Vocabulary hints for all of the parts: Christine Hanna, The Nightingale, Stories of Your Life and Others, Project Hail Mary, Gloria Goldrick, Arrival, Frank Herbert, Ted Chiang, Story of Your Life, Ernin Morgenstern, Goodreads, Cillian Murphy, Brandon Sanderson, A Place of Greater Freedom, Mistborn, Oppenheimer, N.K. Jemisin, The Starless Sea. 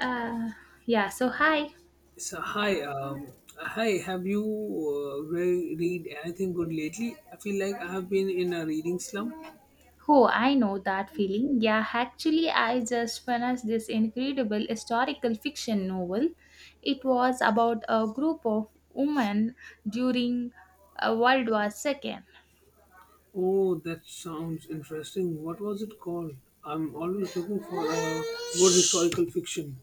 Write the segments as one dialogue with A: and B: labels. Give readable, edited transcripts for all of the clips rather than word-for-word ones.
A: Uh, yeah, so hi.
B: So hi, hi. Have you read anything good lately? I feel like I have been in a reading slump.
A: Oh, I know that feeling. Yeah, actually, I just finished this incredible historical fiction novel. It was about a group of women during World War II.
B: Oh, that sounds interesting. What was it called? I'm always looking for a good historical fiction.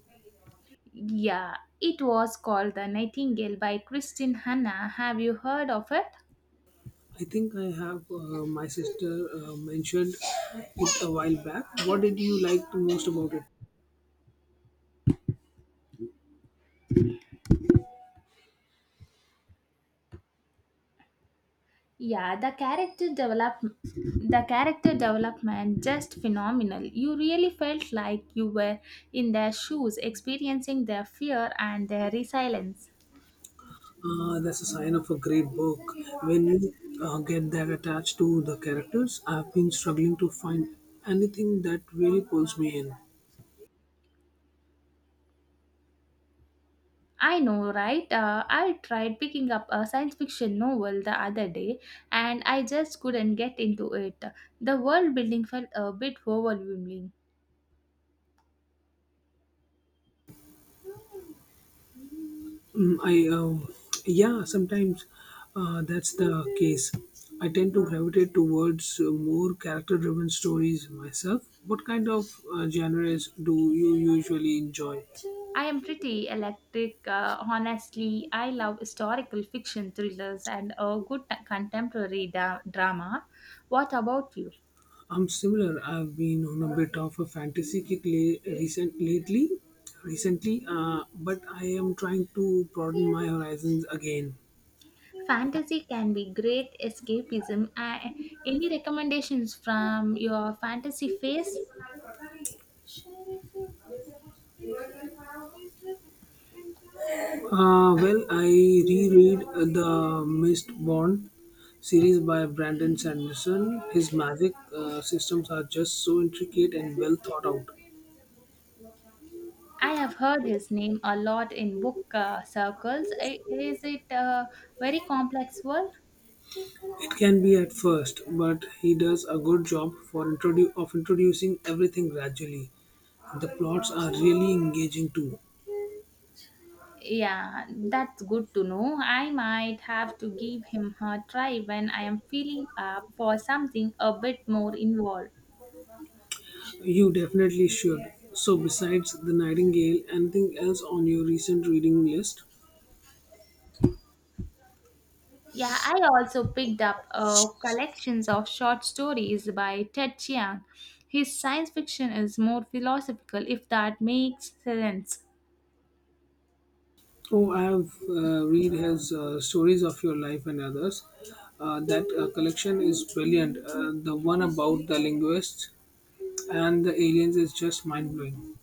A: Yeah, it was called The Nightingale by Christine Hanna. Have you heard of it?
B: I think I have my sister mentioned it a while back. What did you like the most about it?
A: Yeah, the character development just phenomenal. You really felt like you were in their shoes, experiencing their fear and their resilience.
B: That's a sign of a great book. When you get that attached to the characters, I've been struggling to find anything that really pulls me in.
A: I know, right? I tried picking up a science fiction novel the other day and I just couldn't get into it. The world building felt a bit overwhelming.
B: Mm, I yeah, sometimes that's the case. I tend to gravitate towards more character-driven stories myself. What kind of genres do you usually enjoy?
A: I am pretty electric. Honestly, I love historical fiction, thrillers, and a good contemporary drama. What about you?
B: I'm similar. I've been on a bit of a fantasy kick recently, but I am trying to broaden my horizons again.
A: Fantasy can be great escapism. Any recommendations from your fantasy face?
B: Well, I reread the Mistborn series by Brandon Sanderson. His magic systems are just so intricate and well thought out.
A: I have heard his name a lot in book circles. Is it a very complex world?
B: It can be at first, but he does a good job of introducing everything gradually. The plots are really engaging too.
A: Yeah, that's good to know. I might have to give him a try when I am feeling up for something a bit more involved.
B: You definitely should. So, besides The Nightingale, anything else on your recent reading list?
A: Yeah, I also picked up collections of short stories by Ted Chiang. His science fiction is more philosophical, if that makes sense.
B: Oh, I have read his Stories of Your Life and Others. That collection is brilliant. The one about the linguists and the aliens is just mind blowing.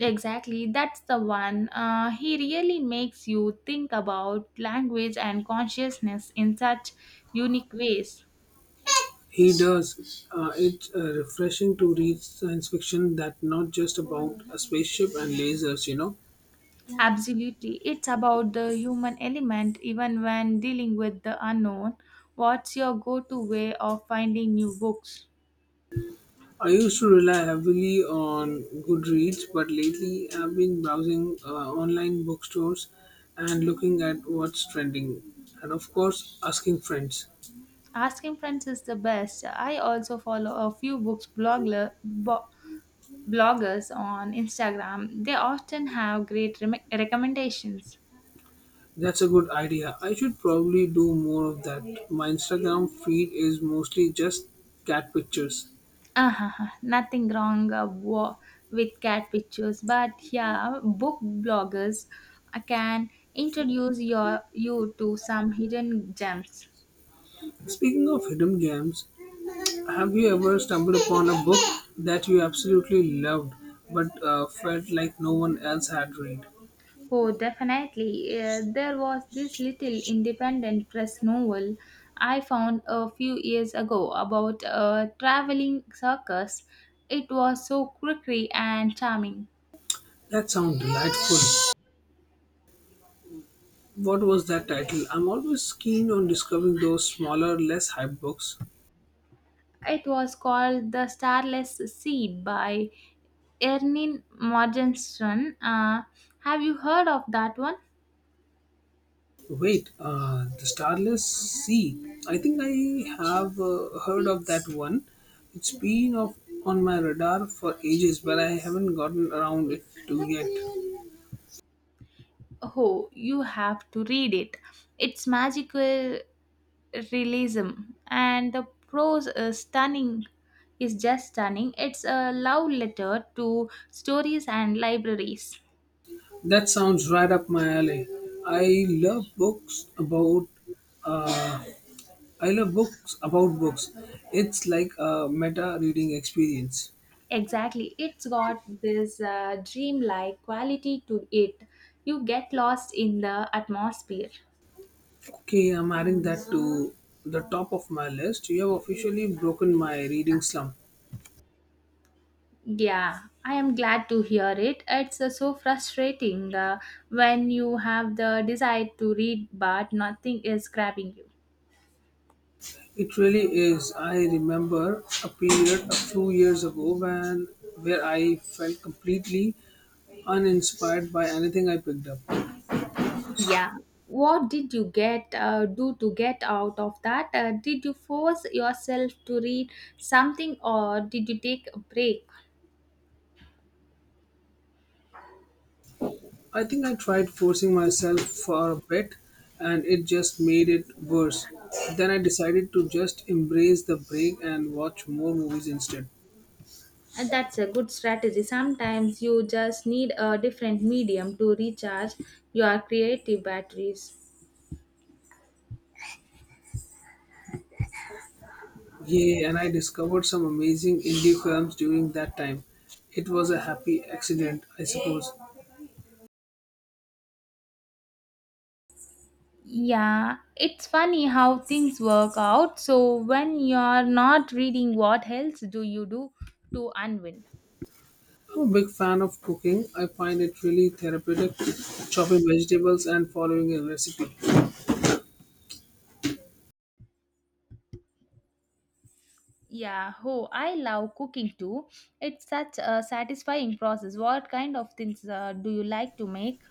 A: Exactly, that's the one. He really makes you think about language and consciousness in such unique ways.
B: He does. It's refreshing to read science fiction that not just about a spaceship and lasers, you know.
A: Absolutely. It's about the human element even when dealing with the unknown. What's your go to way of finding new books?
B: I used to rely heavily on Goodreads, but lately I've been browsing online bookstores and looking at what's trending. And of course, asking friends.
A: Asking friends is the best. I also follow a few books bloggers on Instagram. They often have great recommendations.
B: That's a good idea. I should probably do more of that. My Instagram feed is mostly just cat pictures.
A: uh Nothing wrong with cat pictures, but yeah, book bloggers can introduce you to some hidden gems.
B: Speaking of hidden gems, have you ever stumbled upon a book that you absolutely loved but felt like no one else had read?
A: Oh, definitely. There was this little independent press novel I found a few years ago about a traveling circus. It was so quirky and charming.
B: That sounds delightful. What was that title? I'm always keen on discovering those smaller, less hype books.
A: It was called The Starless Seed by Ernin Morgenstern. Have you heard of that one?
B: Wait, The Starless Sea. I think I have heard of that one. It's been off on my radar for ages, but I haven't gotten around it to yet.
A: Oh, you have to read it. It's magical realism and the prose is stunning is just stunning. It's a love letter to stories and libraries.
B: That sounds right up my alley. I love books about. Uh, I love books about books. It's like a meta reading experience.
A: Exactly, it's got this dreamlike quality to it. You get lost in the atmosphere.
B: Okay, I'm adding that to the top of my list. You have officially broken my reading slump.
A: Yeah, I am glad to hear it. It's so frustrating when you have the desire to read but nothing is grabbing you.
B: It really is. I remember a period a few years ago when where I felt completely uninspired by anything I picked up.
A: Yeah. What did you get do to get out of that? Did you force yourself to read something or did you take a break?
B: I think I tried forcing myself for a bit and it just made it worse. Then I decided to just embrace the break and watch more movies instead.
A: And that's a good strategy. Sometimes you just need a different medium to recharge your creative batteries.
B: Yay, and I discovered some amazing indie films during that time. It was a happy accident, I suppose.
A: Yeah, it's funny how things work out. So, when you're not reading, what else do you do to unwind?
B: I'm a big fan of cooking. I find it really therapeutic, chopping vegetables and following a recipe.
A: Yeah, oh, I love cooking too. It's such a satisfying process. What kind of things do you like to make?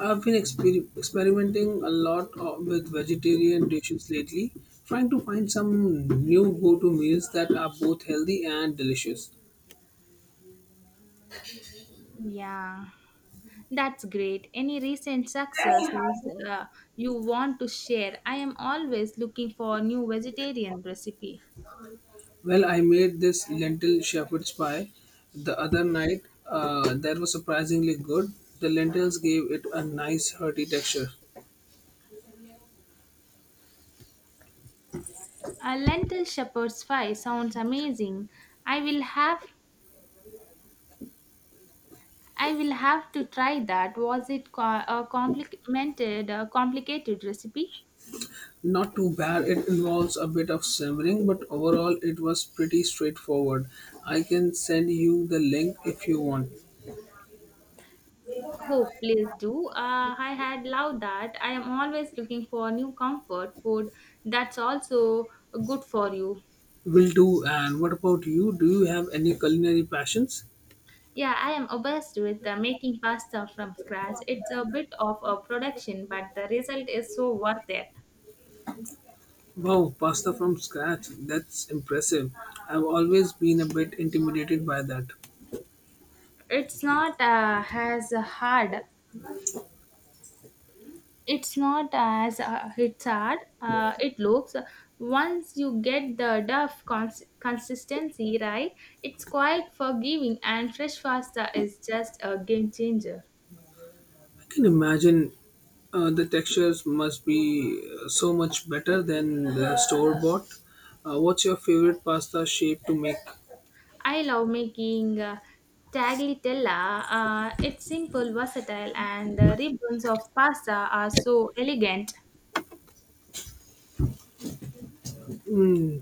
B: I've experimenting a lot with vegetarian dishes lately, trying to find some new go to meals that are both healthy and delicious.
A: Yeah, that's great. Any recent successes uh, you want to share? I am always looking for a new vegetarian recipe.
B: Well, I made this lentil shepherd's pie the other night. That was surprisingly good. The lentils gave it a nice hearty texture.
A: A lentil shepherd's pie sounds amazing. I will have I will have to try that. Was it a complicated recipe?
B: Not too bad. It involves a bit of simmering, but overall it was pretty straightforward. I can send you the link if you want.
A: Oh, please do. I had loved that. I am always looking for new comfort food that's also good for you.
B: Will do. And what about you? Do you have any culinary passions?
A: Yeah, I am obsessed with making pasta from scratch. It's a bit of a production, but the result is so worth it.
B: Wow, pasta from scratch. That's impressive. I've always been a bit intimidated by that.
A: It's not uh, as hard it's not as it's hard it looks. Once you get the consistency right, it's quite forgiving, and fresh pasta is just a game changer.
B: I can imagine the textures must be so much better than the store bought. What's your favorite pasta shape to make?
A: I love making tagliatella. It's simple, versatile, and the ribbons of pasta are so elegant.
B: Mm,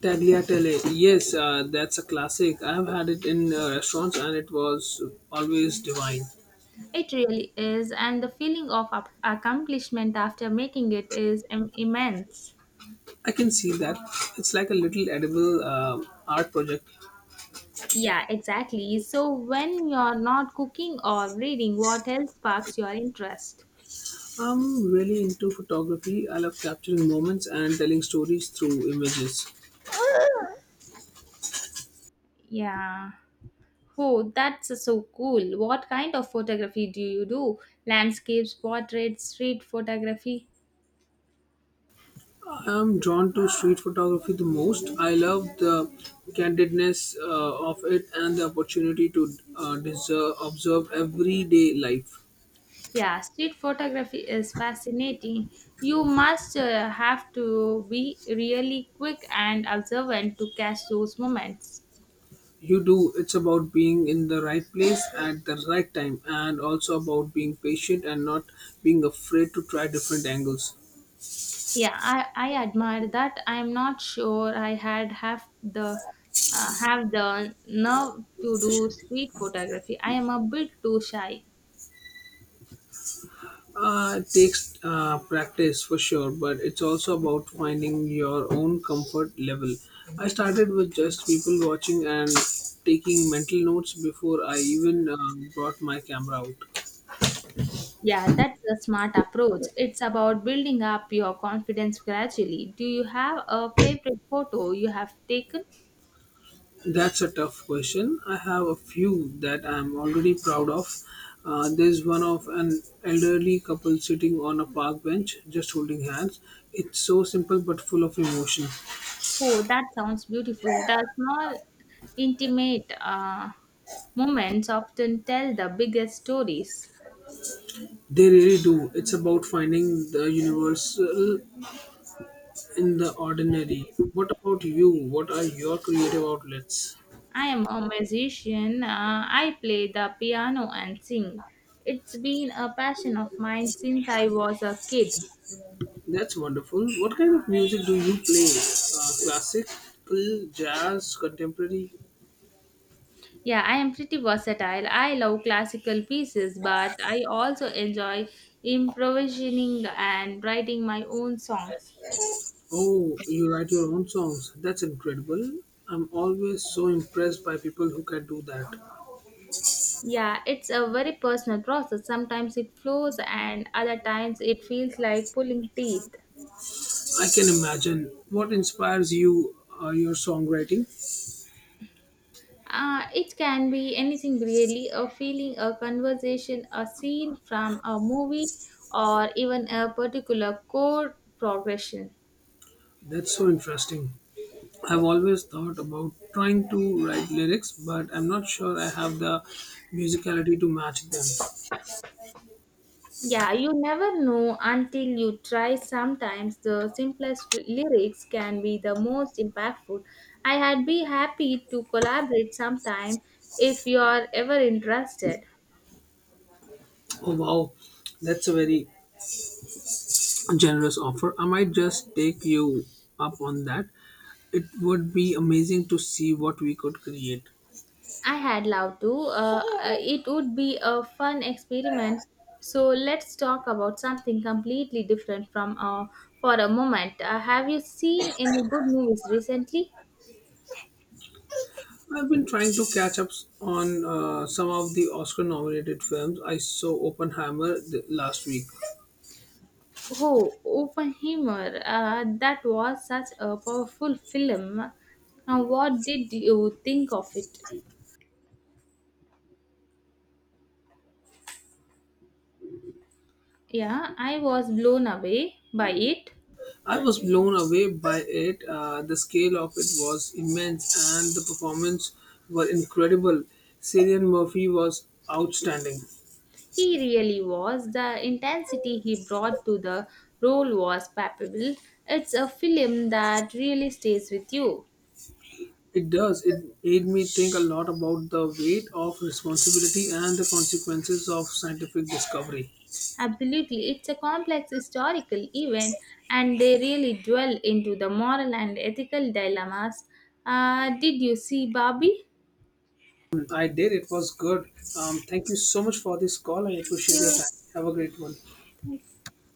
B: tagliatelle. Yes, that's a classic. I've had it in restaurants and it was always divine.
A: It really is, and the feeling of accomplishment after making it is immense.
B: I can see that. It's like a little edible art project.
A: Yeah, exactly. So when you're not cooking or reading, what else sparks your interest?
B: I'm really into photography. I love capturing moments and telling stories through images.
A: Yeah. Oh, that's so cool. What kind of photography do you do? Landscapes, portraits, street photography?
B: I'm drawn to street photography the most. I love the candidness of it and the opportunity to observe everyday life.
A: Yeah, street photography is fascinating. You must have to be really quick and observant to catch those moments.
B: You do. It's about being in the right place at the right time, and also about being patient and not being afraid to try different angles.
A: Yeah, I admire that. I'm not sure I had have the nerve to do street photography. I am a bit too shy.
B: It takes practice for sure, but it's also about finding your own comfort level. I started with just people watching and taking mental notes before I even brought my camera out.
A: Yeah, that's a smart approach. It's about building up your confidence gradually. Do you have a favorite photo you have taken?
B: That's a tough question. I have a few that I'm already proud of. There's one of an elderly couple sitting on a park bench just holding hands. It's so simple but full of emotion.
A: Oh, that sounds beautiful. The small, intimate moments often tell the biggest stories.
B: They really do. It's about finding the universal in the ordinary. What about you? What are your creative outlets?
A: I am a musician. I play the piano and sing. It's been a passion of mine since I was a kid.
B: That's wonderful. What kind of music do you play? Classical, jazz, contemporary?
A: Yeah, I am pretty versatile. I love classical pieces, but I also enjoy improvising and writing my own songs.
B: Oh, you write your own songs. That's incredible. I'm always so impressed by people who can do that.
A: Yeah, it's a very personal process. Sometimes it flows, and other times it feels like pulling teeth.
B: I can imagine. What inspires you, your songwriting?
A: It can be anything really: a feeling, a conversation, a scene from a movie, or even a particular chord progression.
B: That's so interesting. I've always thought about trying to write lyrics, but I'm not sure I have the musicality to match them.
A: Yeah, you never know until you try. Sometimes the simplest lyrics can be the most impactful. I had be happy to collaborate sometime if you are ever interested.
B: Oh wow, that's a very generous offer. I might just take you up on that. It would be amazing to see what we could create.
A: I had loved to. It would be a fun experiment. So let's talk about something completely different from for a moment. Have you seen any good movies recently?
B: I've been trying to catch up on some of the Oscar nominated films. I saw Oppenheimer last week.
A: Oh, Oppenheimer. That was such a powerful film. What did you think of it? Yeah, I was blown away by it.
B: I was blown away by it. The scale of it was immense and the performances were incredible. Cillian Murphy was outstanding.
A: He really was. The intensity he brought to the role was palpable. It's a film that really stays with you.
B: It does. It made me think a lot about the weight of responsibility and the consequences of scientific discovery.
A: Absolutely. It's a complex historical event and they really dwell into the moral and ethical dilemmas. Did you see Barbie?
B: I did. It was good. Thank you so much for this call. I
A: Thank
B: appreciate your
A: you.
B: time. Have a great one.